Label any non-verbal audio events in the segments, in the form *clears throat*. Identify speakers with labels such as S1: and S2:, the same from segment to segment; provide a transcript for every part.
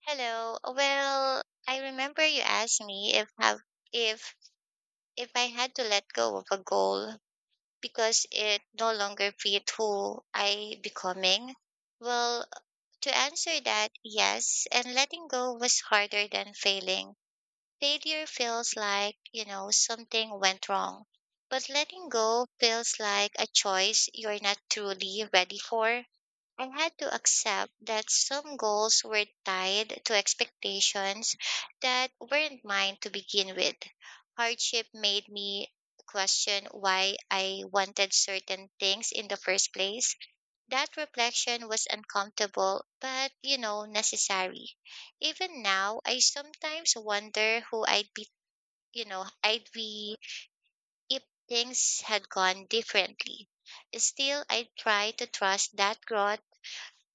S1: Hello. I remember you asked me if have if if I had to let go of a goal because it no longer fit who I becoming. Well, to answer that, yes, and letting go was harder than failing. Failure feels like, something went wrong. But letting go feels like a choice you're not truly ready for. I had to accept that some goals were tied to expectations that weren't mine to begin with. Hardship made me question why I wanted certain things in the first place. That reflection was uncomfortable, but necessary. Even now, I sometimes wonder who I'd be if things had gone differently. Still, I try to trust that growth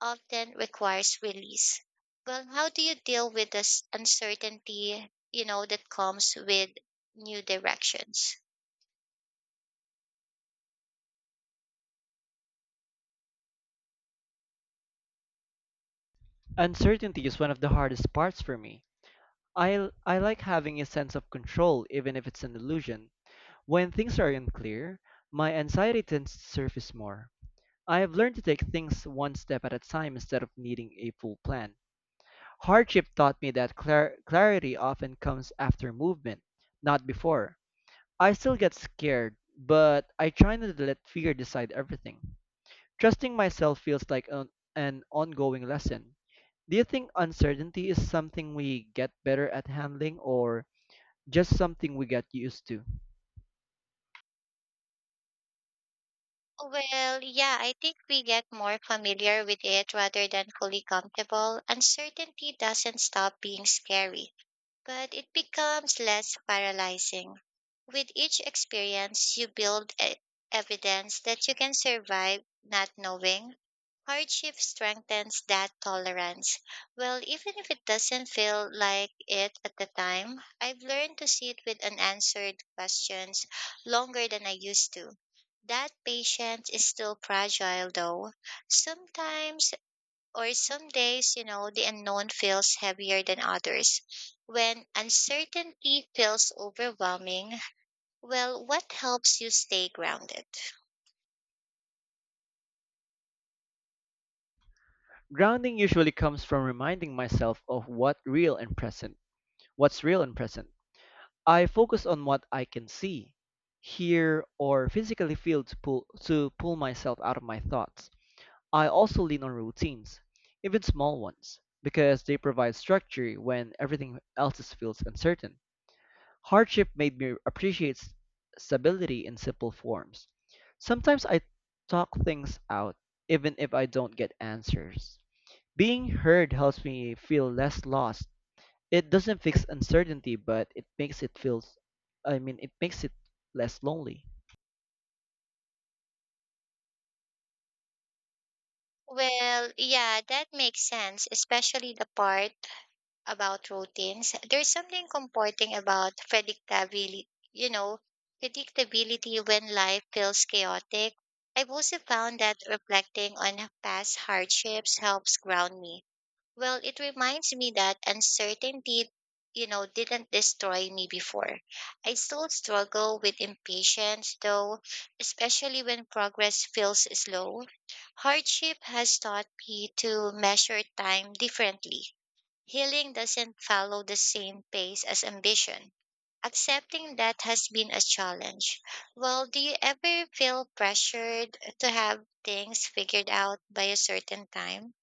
S1: often requires release. Well, how do you deal with this uncertainty, that comes with new directions?
S2: Uncertainty is one of the hardest parts for me. I like having a sense of control, even if it's an illusion. When things are unclear, my anxiety tends to surface more. I have learned to take things one step at a time instead of needing a full plan. Hardship taught me that clarity often comes after movement, not before. I still get scared, but I try not to let fear decide everything. Trusting myself feels like an ongoing lesson. Do you think uncertainty is something we get better at handling or just something we get used to?
S1: Yeah, I think we get more familiar with it rather than fully comfortable. Uncertainty doesn't stop being scary, but it becomes less paralyzing. With each experience, you build evidence that you can survive not knowing. Hardship strengthens that tolerance. Well, even if it doesn't feel like it at the time, I've learned to sit with unanswered questions longer than I used to. That patience is still fragile, though. Sometimes some days, the unknown feels heavier than others. When uncertainty feels overwhelming, well, what helps you stay grounded?
S2: Grounding usually comes from reminding myself of what real and present. What's real and present? I focus on what I can see, hear, or physically feel to pull myself out of my thoughts. I also lean on routines, even small ones, because they provide structure when everything feels uncertain. Hardship made me appreciate stability in simple forms. Sometimes I talk things out, even if I don't get answers. Being heard helps me feel less lost. It doesn't fix uncertainty, but it makes it feel, I mean, it makes it less lonely.
S1: Well, yeah, that makes sense, especially the part about routines. There's something comforting about you know, predictability when life feels chaotic. I've also found that reflecting on past hardships helps ground me. Well, it reminds me that uncertainty, didn't destroy me before. I still struggle with impatience, though, especially when progress feels slow. Hardship has taught me to measure time differently. Healing doesn't follow the same pace as ambition. Accepting that has been a challenge. Well, do you ever feel pressured to have things figured out by a certain time?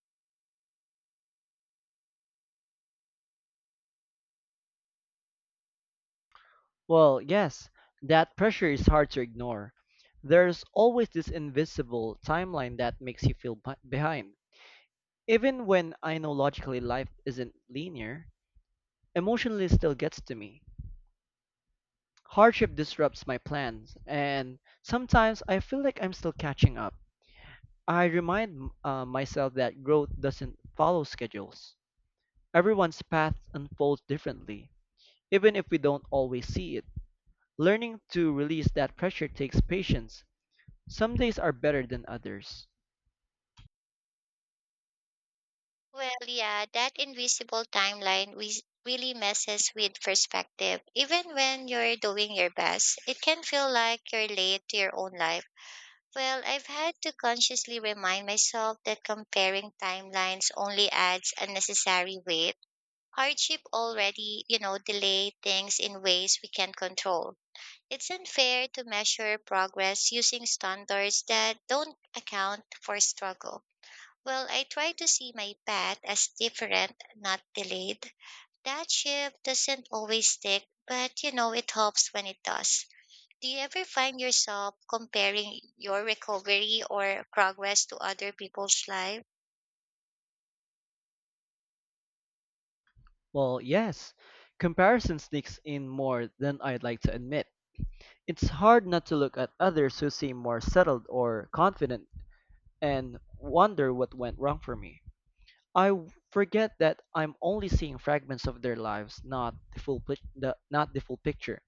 S2: Well, yes, that pressure is hard to ignore. There's always this invisible timeline that makes you feel behind. Even when I know logically life isn't linear, emotionally still gets to me. Hardship disrupts my plans, and sometimes I feel like I'm still catching up. I remind myself that growth doesn't follow schedules. Everyone's path unfolds differently, even if we don't always see it. Learning to release that pressure takes patience. Some days are better than others.
S1: Well, yeah, that invisible timeline we really messes with perspective. Even when you're doing your best, it can feel like you're late to your own life. Well, I've had to consciously remind myself that comparing timelines only adds unnecessary weight. Hardship already, delay things in ways we can't control. It's unfair to measure progress using standards that don't account for struggle. Well, I try to see my path as different, not delayed. That shift doesn't always stick, but it helps when it does. Do you ever find yourself comparing your recovery or progress to other people's life?
S2: Well, yes, comparison sneaks in more than I'd like to admit. It's hard not to look at others who seem more settled or confident and wonder what went wrong for me. Forget that I'm only seeing fragments of their lives, not the not the full picture.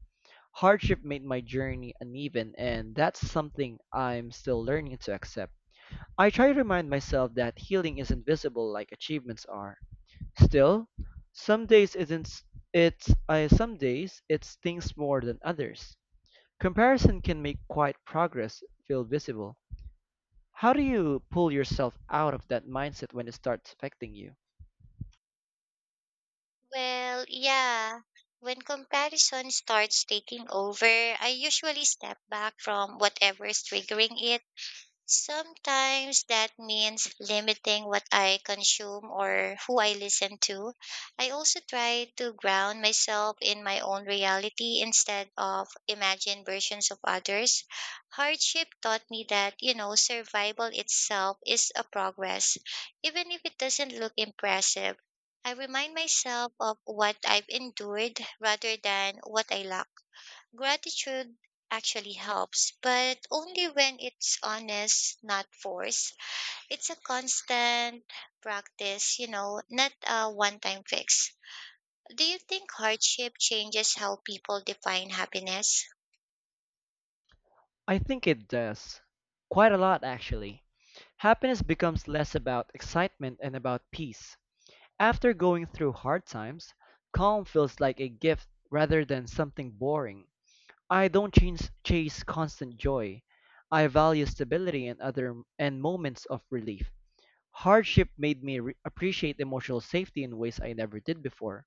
S2: Hardship made my journey uneven, and that's something I'm still learning to accept. I try to remind myself that healing isn't visible like achievements are. Still, some days isn't it's I some days it's things more than others. Comparison can make quiet progress feel visible. How do you pull yourself out of that mindset when it starts affecting you?
S1: Well, yeah. When comparison starts taking over, I usually step back from whatever's triggering it. Sometimes that means limiting what I consume or who I listen to. I also try to ground myself in my own reality instead of imagined versions of others. Hardship taught me that, survival itself is a progress, even if it doesn't look impressive. I remind myself of what I've endured rather than what I lack. Gratitude actually helps, but only when it's honest, not forced. It's a constant practice, not a one time fix. Do you think hardship changes how people define happiness?
S2: I think it does. Quite a lot, actually. Happiness becomes less about excitement and about peace. After going through hard times, calm feels like a gift rather than something boring. I don't chase, chase constant joy. I value stability and moments of relief. Hardship made me appreciate emotional safety in ways I never did before.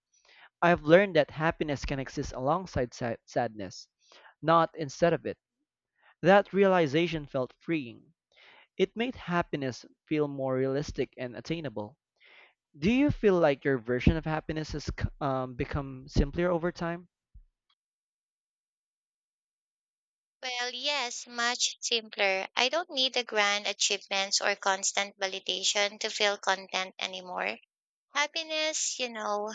S2: I've learned that happiness can exist alongside sadness, not instead of it. That realization felt freeing. It made happiness feel more realistic and attainable. Do you feel like your version of happiness has become simpler over time?
S1: Well, yes, much simpler. I don't need the grand achievements or constant validation to feel content anymore. Happiness,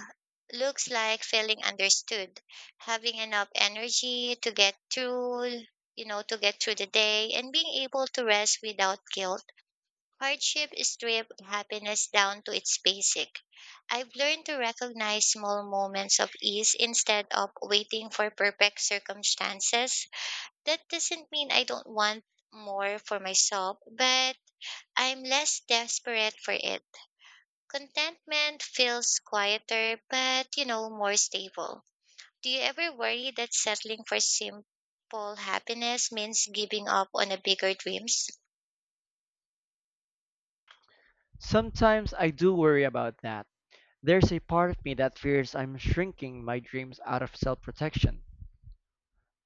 S1: looks like feeling understood, having enough energy to get through the day and being able to rest without guilt. Hardship stripped happiness down to its basic. I've learned to recognize small moments of ease instead of waiting for perfect circumstances. That doesn't mean I don't want more for myself, but I'm less desperate for it. Contentment feels quieter, but more stable. Do you ever worry that settling for simple happiness means giving up on a bigger dreams?
S2: Sometimes I do worry about that. There's a part of me that fears I'm shrinking my dreams out of self protection.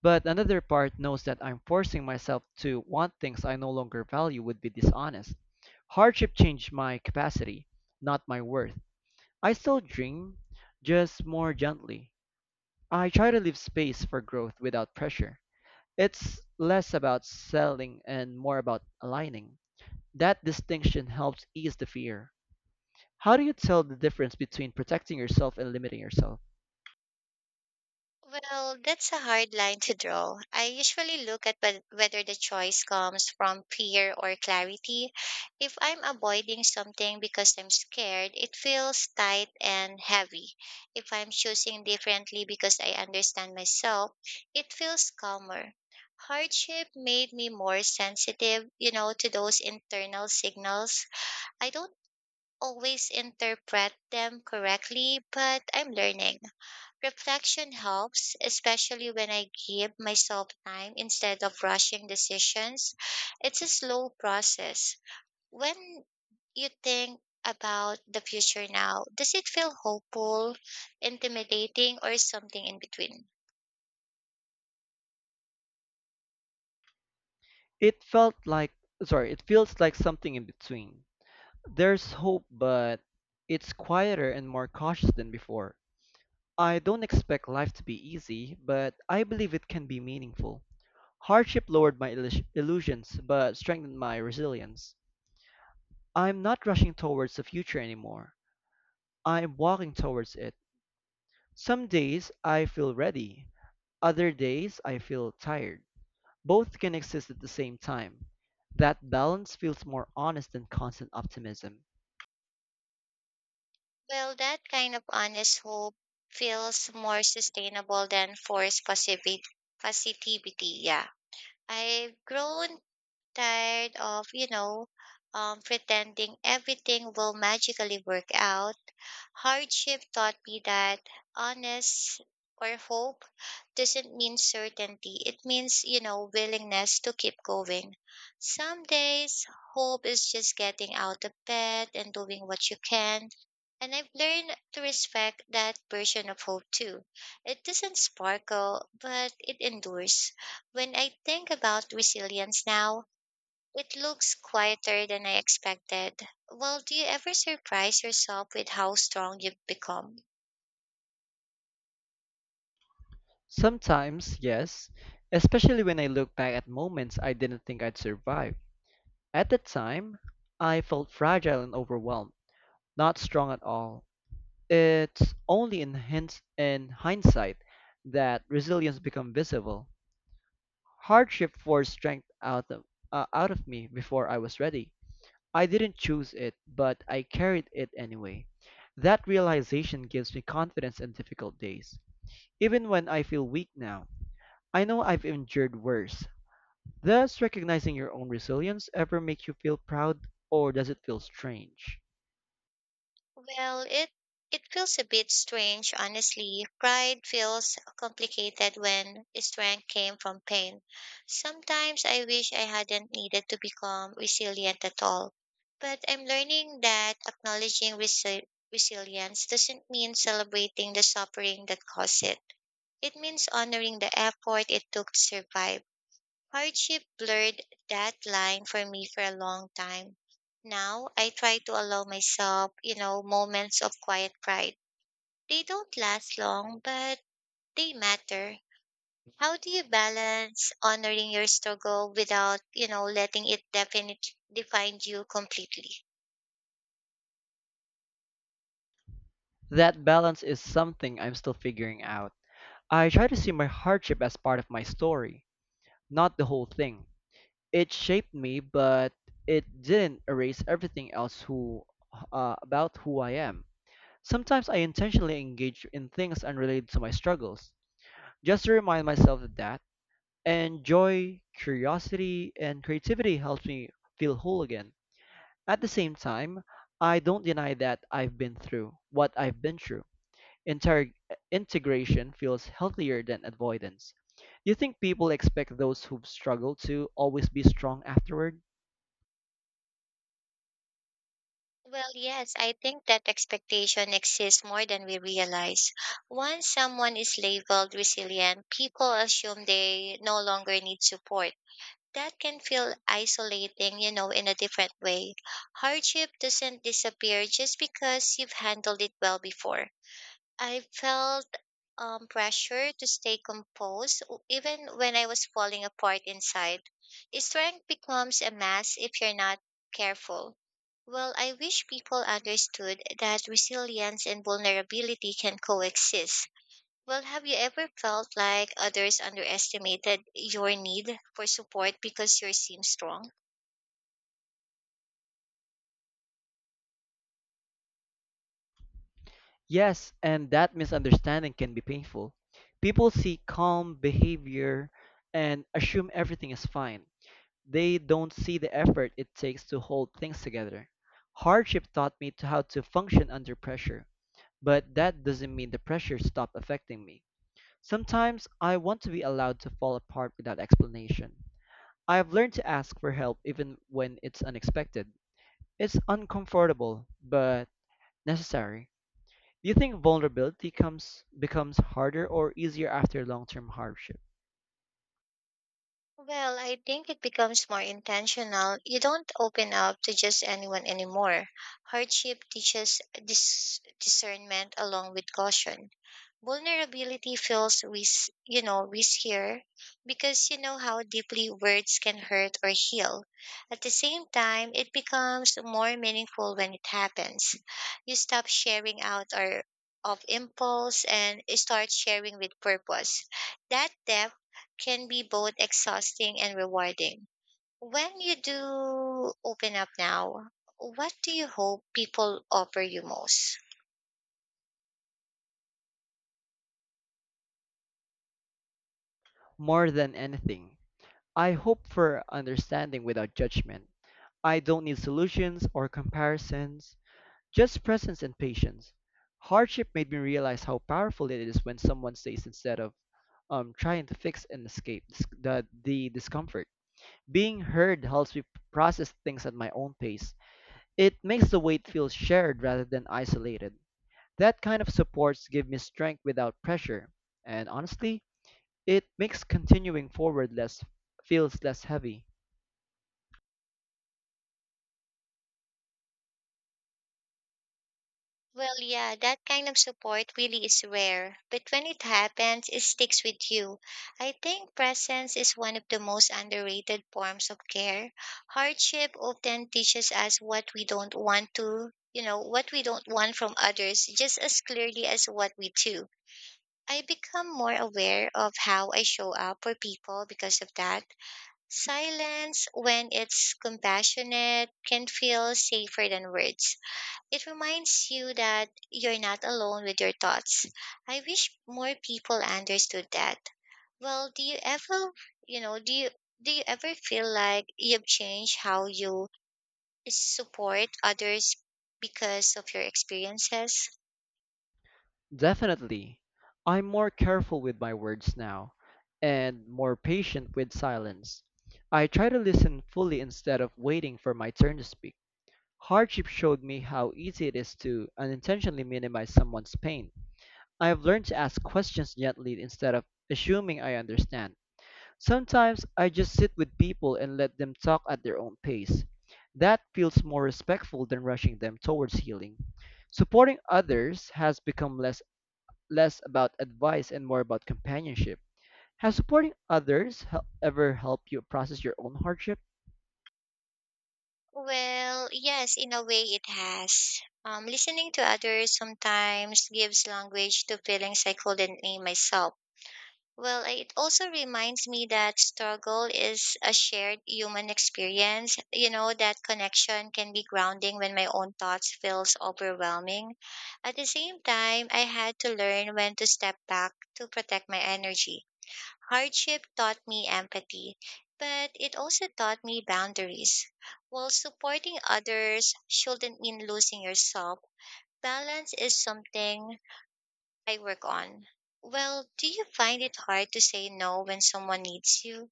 S2: But another part knows that I'm forcing myself to want things I no longer value would be dishonest. Hardship changed my capacity, not my worth. I still dream, just more gently. I try to leave space for growth without pressure. It's less about selling and more about aligning. That distinction helps ease the fear. How do you tell the difference between protecting yourself and limiting yourself?
S1: Well, that's a hard line to draw. I usually look at whether the choice comes from fear or clarity. If I'm avoiding something because I'm scared, it feels tight and heavy. If I'm choosing differently because I understand myself, it feels calmer. Hardship made me more sensitive, to those internal signals. I don't always interpret them correctly, but I'm learning. Reflection helps, especially when I give myself time instead of rushing decisions. It's a slow process. When you think about the future now, does it feel hopeful, intimidating, or something in between?
S2: It felt like, it feels like something in between. There's hope, but it's quieter and more cautious than before. I don't expect life to be easy, but I believe it can be meaningful. Hardship lowered my illusions, but strengthened my resilience. I'm not rushing towards the future anymore. I'm walking towards it. Some days I feel ready, other days I feel tired. Both can exist at the same time. That balance feels more honest than constant optimism.
S1: Well, that kind of honest hope feels more sustainable than forced positivity. Positivity, yeah. I've grown tired of, pretending everything will magically work out. Hardship taught me that honest or hope doesn't mean certainty. It means, willingness to keep going. Some days, hope is just getting out of bed and doing what you can. And I've learned to respect that version of hope too. It doesn't sparkle, but it endures. When I think about resilience now, it looks quieter than I expected. Well, do you ever surprise yourself with how strong you've become?
S2: Sometimes, yes, especially when I look back at moments I didn't think I'd survive. At the time, I felt fragile and overwhelmed, not strong at all. It's only in hindsight that resilience became visible. Hardship forced strength out of me before I was ready. I didn't choose it, but I carried it anyway. That realization gives me confidence in difficult days, even when I feel weak now. I know I've endured worse. Does recognizing your own resilience ever make you feel proud or does it feel strange?
S1: Well, it feels a bit strange, honestly. Pride feels complicated when strength came from pain. Sometimes I wish I hadn't needed to become resilient at all. But I'm learning that acknowledging resilience doesn't mean celebrating the suffering that caused it. It means honoring the effort it took to survive. Hardship blurred that line for me for a long time. Now I try to allow myself, moments of quiet pride. They don't last long, but they matter. How do you balance honoring your struggle without, letting it definite define you completely?
S2: That balance is something I'm still figuring out. I try to see my hardship as part of my story, not the whole thing. It shaped me, but it didn't erase everything else who about who I am. Sometimes I intentionally engage in things unrelated to my struggles, just to remind myself that and joy, curiosity, and creativity helps me feel whole again. At the same time, I don't deny that I've been through what I've been through. Inter- Integration feels healthier than avoidance. Do you think people expect those who've struggled to always be strong afterward?
S1: Well, yes, I think that expectation exists more than we realize. Once someone is labeled resilient, people assume they no longer need support. That can feel isolating, in a different way. Hardship doesn't disappear just because you've handled it well before. I felt pressure to stay composed even when I was falling apart inside. Strength becomes a mass if you're not careful. Well, I wish people understood that resilience and vulnerability can coexist. Well, have you ever felt like others underestimated your need for support because you seem strong?
S2: Yes, and that misunderstanding can be painful. People see calm behavior and assume everything is fine. They don't see the effort it takes to hold things together. Hardship taught me to how to function under pressure, but that doesn't mean the pressure stopped affecting me. Sometimes I want to be allowed to fall apart without explanation. I have learned to ask for help even when it's unexpected. It's uncomfortable, but necessary. Do you think vulnerability comes becomes harder or easier after long-term hardship?
S1: Well, I think it becomes more intentional. You don't open up to just anyone anymore. Hardship teaches discernment along with caution. Vulnerability feels you know, riskier because you know how deeply words can hurt or heal. At the same time, it becomes more meaningful when it happens. You stop sharing out or of impulse and start sharing with purpose. That depth can be both exhausting and rewarding. When you do open up now, what do you hope people offer you most?
S2: More than anything, I hope for understanding without judgment. I don't need solutions or comparisons. Just presence and patience. Hardship made me realize how powerful it is when someone stays instead of trying to fix and escape the discomfort. Being heard helps me process things at my own pace. It makes the weight feel shared rather than isolated. That kind of supports give me strength without pressure. And honestly, it makes continuing forward less feels less heavy.
S1: Well, yeah, that kind of support really is rare, but when it happens, it sticks with you. I think presence is one of the most underrated forms of care. Hardship often teaches us what we don't want what we don't want from others just as clearly as what we do. I become more aware of how I show up for people because of that. Silence, when it's compassionate, can feel safer than words. It reminds you that you're not alone with your thoughts. I wish more people understood that. Well, do you ever, you know, do you ever feel like you've changed how you support others because of your experiences?
S2: Definitely. I'm more careful with my words now and more patient with silence. I try to listen fully instead of waiting for my turn to speak. Hardship showed me how easy it is to unintentionally minimize someone's pain. I have learned to ask questions gently instead of assuming I understand. Sometimes I just sit with people and let them talk at their own pace. That feels more respectful than rushing them towards healing. Supporting others has become less about advice and more about companionship. Has supporting others ever helped you process your own hardship?
S1: Well, yes, in a way it has. Listening to others sometimes gives language to feelings I couldn't name myself. Well, it also reminds me that struggle is a shared human experience. That connection can be grounding when my own thoughts feels overwhelming. At the same time, I had to learn when to step back to protect my energy. Hardship taught me empathy, but it also taught me boundaries. While supporting others shouldn't mean losing yourself, balance is something I work on. Well, do you find it hard to say no when someone needs you?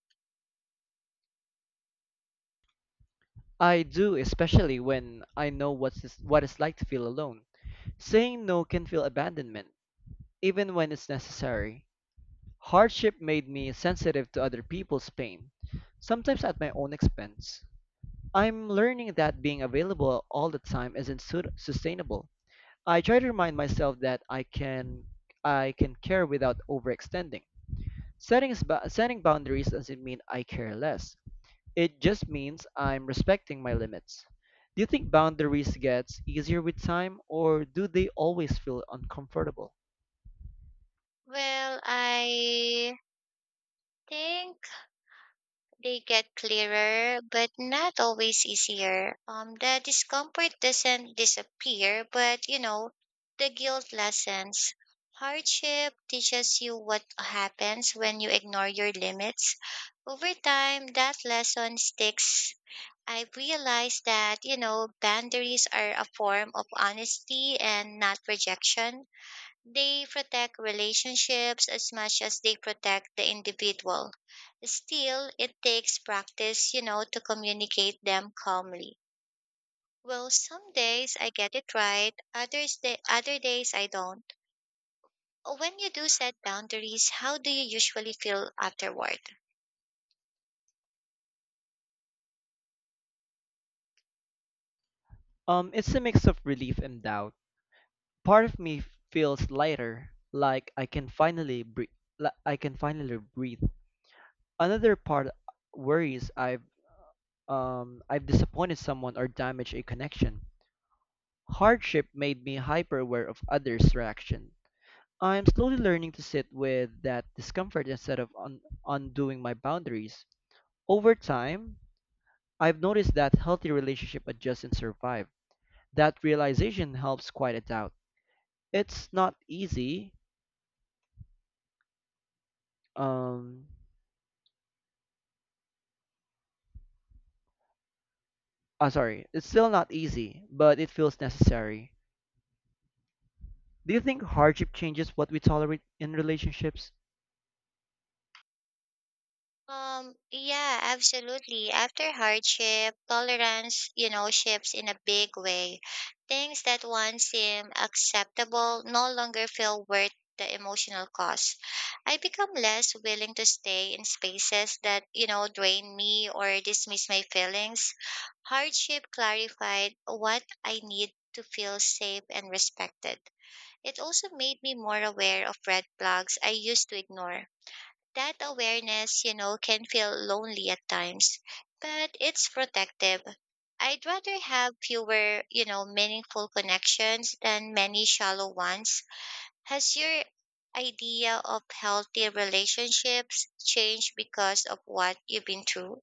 S2: I do, especially when I know what it's like to feel alone. Saying no can feel abandonment, even when it's necessary. Hardship made me sensitive to other people's pain, sometimes at my own expense. I'm learning that being available all the time isn't sustainable. I try to remind myself that I can care without overextending. Setting, Setting boundaries doesn't mean I care less. It just means I'm respecting my limits. Do you think boundaries gets easier with time or do they always feel uncomfortable?
S1: Well, I think they get clearer, but not always easier. The discomfort doesn't disappear, but the guilt lessens. Hardship teaches you what happens when you ignore your limits. Over time, that lesson sticks. I realized that, boundaries are a form of honesty and not rejection. They protect relationships as much as they protect the individual. Still, it takes practice, to communicate them calmly. Well, some days I get it right, other days I don't. When you do set boundaries, how do you usually feel afterward?
S2: It's a mix of relief and doubt. Part of me feels lighter, like I can finally breathe. I can finally breathe. Another part worries I've disappointed someone or damaged a connection. Hardship made me hyper aware of others' reaction. I'm slowly learning to sit with that discomfort instead of undoing my boundaries. Over time, I've noticed that healthy relationship adjust and survive. That realization helps quiet it out. It's not easy. Um, it's still not easy, but it feels necessary. Do you think hardship changes what we tolerate in relationships?
S1: Yeah, absolutely. After hardship, tolerance, shifts in a big way. Things that once seemed acceptable no longer feel worth the emotional cost. I become less willing to stay in spaces that, drain me or dismiss my feelings. Hardship clarified what I need to feel safe and respected. It also made me more aware of red flags I used to ignore. That awareness, can feel lonely at times, but it's protective. I'd rather have fewer, meaningful connections than many shallow ones. Has your idea of healthy relationships changed because of what you've been through?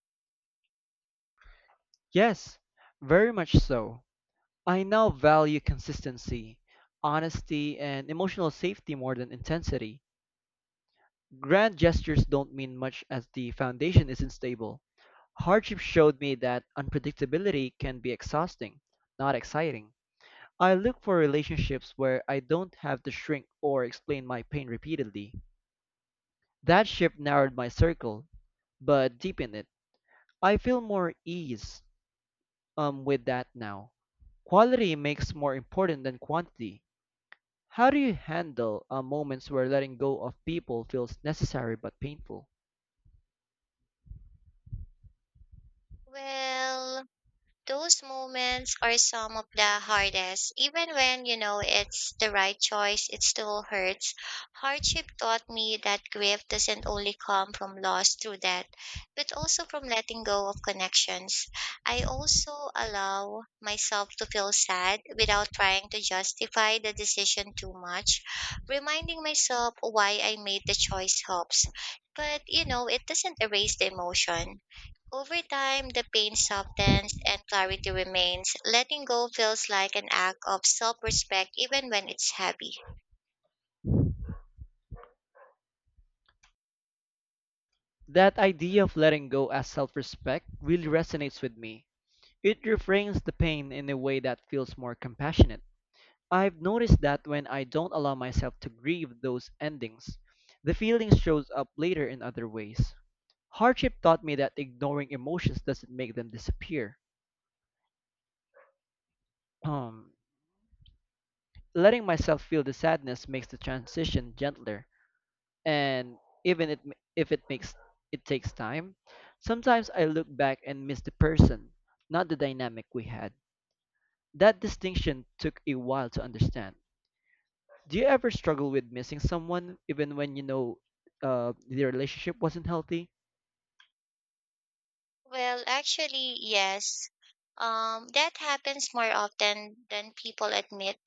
S2: Yes, very much so. I now value consistency, honesty, and emotional safety more than intensity. Grand gestures don't mean much as the foundation isn't stable. Hardship showed me that unpredictability can be exhausting, not exciting. I look for relationships where I don't have to shrink or explain my pain repeatedly. That shift narrowed my circle, but deepened it. I feel more ease with that now. Quality makes more important than quantity. How do you handle moments where letting go of people feels necessary but painful?
S1: Well, those moments are some of the hardest. Even when you know it's the right choice, it still hurts. Hardship taught me that grief doesn't only come from loss through death, but also from letting go of connections. I also allow myself to feel sad without trying to justify the decision too much. Reminding myself why I made the choice helps. But it doesn't erase the emotion. Over time, the pain softens and clarity remains. Letting go feels like an act of self respect even when it's heavy.
S2: That idea of letting go as self respect really resonates with me. It reframes the pain in a way that feels more compassionate. I've noticed that when I don't allow myself to grieve those endings, the feeling shows up later in other ways. Hardship taught me that ignoring emotions doesn't make them disappear. Um, Letting myself feel the sadness makes the transition gentler. And even it ma- if it makes it takes time. Sometimes I look back and miss the person, not the dynamic we had. That distinction took a while to understand. Do you ever struggle with missing someone even when you know the relationship wasn't healthy?
S1: Well, actually, yes. That happens more often than people admit.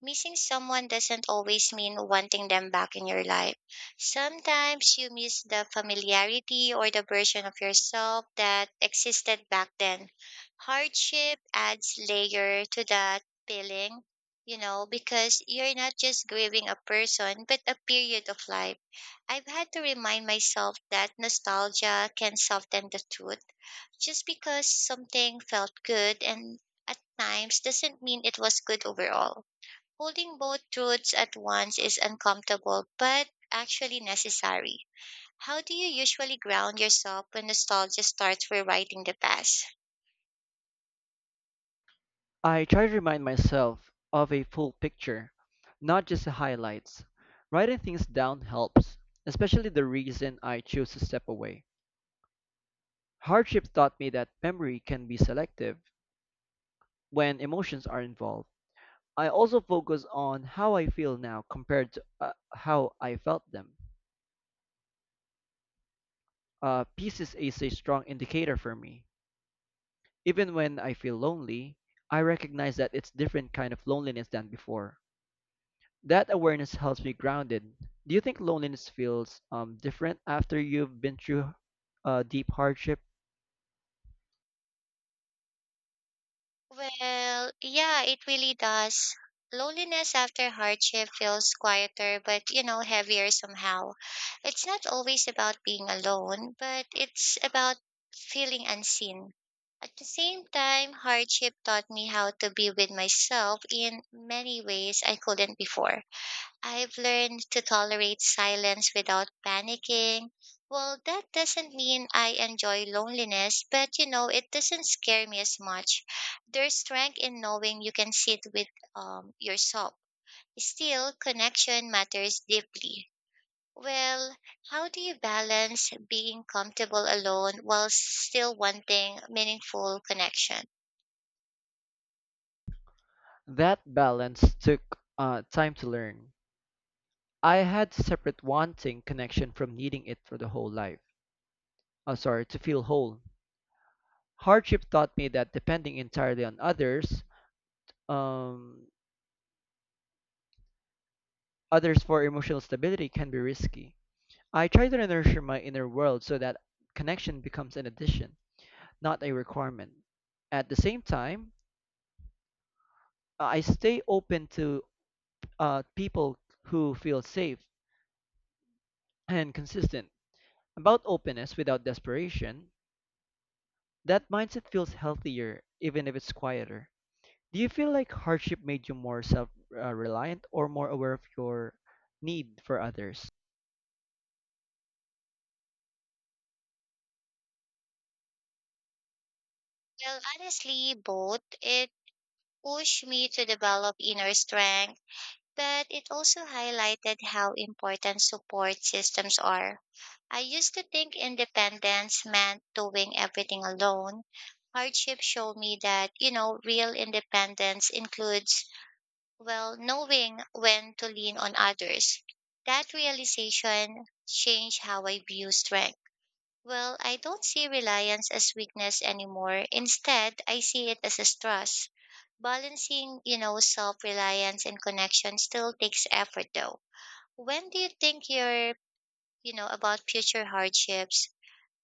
S1: Missing someone doesn't always mean wanting them back in your life. Sometimes you miss the familiarity or the version of yourself that existed back then. Hardship adds layer to that feeling, because you're not just grieving a person, but a period of life. I've had to remind myself that nostalgia can soften the truth. Just because something felt good and at times doesn't mean it was good overall. Holding both truths at once is uncomfortable but actually necessary. How do you usually ground yourself when nostalgia starts rewriting the past?
S2: I try to remind myself of a full picture, not just the highlights. Writing things down helps, especially the reason I chose to step away. Hardship taught me that memory can be selective when emotions are involved. I also focus on how I feel now compared to how I felt them. Peace is a strong indicator for me. Even when I feel lonely, I recognize that it's different kind of loneliness than before. That awareness helps me grounded. Do you think loneliness feels different after you've been through deep hardship?
S1: Well, yeah, it really does. Loneliness after hardship feels quieter, but heavier somehow. It's not always about being alone, but it's about feeling unseen. At the same time, hardship taught me how to be with myself in many ways I couldn't before. I've learned to tolerate silence without panicking. Well, that doesn't mean I enjoy loneliness, but it doesn't scare me as much. There's strength in knowing you can sit with yourself. Still, connection matters deeply. Well, how do you balance being comfortable alone while still wanting meaningful connection?
S2: That balance took time to learn. I had to separate wanting connection from needing it for the whole life. Sorry, to feel whole. Hardship taught me that depending entirely on um, others for emotional stability can be risky. I try to nurture my inner world so that connection becomes an addition, not a requirement. At the same time, I stay open to people who feel safe and consistent. About openness without desperation, that mindset feels healthier even if it's quieter. Do you feel like hardship made you more self reliant or more aware of your need for others?
S1: Well, honestly, both. It pushed me to develop inner strength, but it also highlighted how important support systems are. I used to think independence meant doing everything alone. Hardship showed me that, real independence includes, well, knowing when to lean on others. That realization changed how I view strength. Well, I don't see reliance as weakness anymore. Instead, I see it as a stress. Balancing, self-reliance and connection still takes effort though. When do you think you're, about future hardships?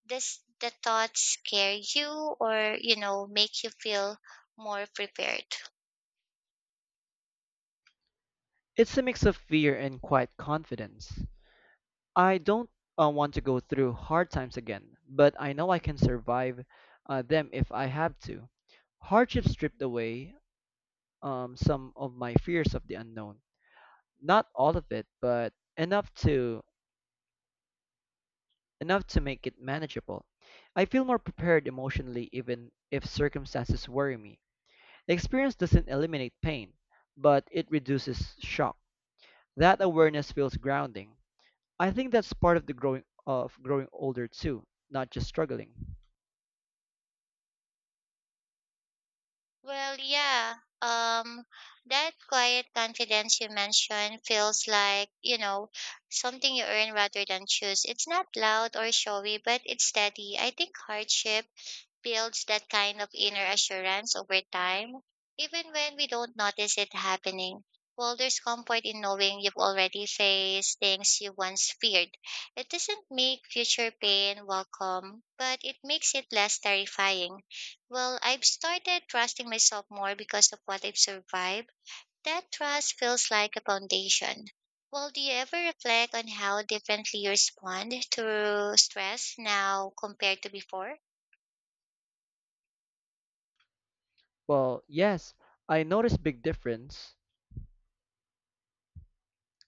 S1: Does the thought scare you or, make you feel more prepared?
S2: It's a mix of fear and quiet confidence. I don't want to go through hard times again, but I know I can survive them if I have to. Hardship stripped away some of my fears of the unknown. Not all of it, but enough to make it manageable. I feel more prepared emotionally even if circumstances worry me. Experience doesn't eliminate pain, but it reduces shock. That awareness feels grounding. I think that's part of the growing older too, not just struggling.
S1: Well, yeah. Um, that quiet confidence you mentioned feels like, something you earn rather than choose. It's not loud or showy, but it's steady. I think hardship builds that kind of inner assurance over time, even when we don't notice it happening. Well, there's comfort in knowing you've already faced things you once feared. It doesn't make future pain welcome, but it makes it less terrifying. Well, I've started trusting myself more because of what I've survived. That trust feels like a foundation. Well, do you ever reflect on how differently you respond to stress now compared to before?
S2: Well, yes, I notice big difference,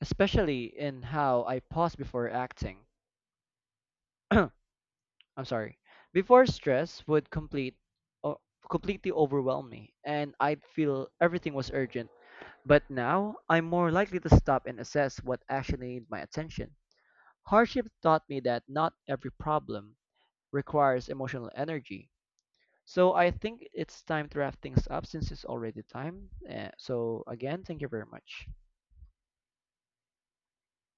S2: especially in how I pause before acting. *clears throat* I'm sorry. Before stress would uh, completely overwhelm me and I'd feel everything was urgent. But now I'm more likely to stop and assess what actually needs my attention. Hardship taught me that not every problem requires emotional energy. So I think it's time to wrap things up since it's already time. So again, thank you very much.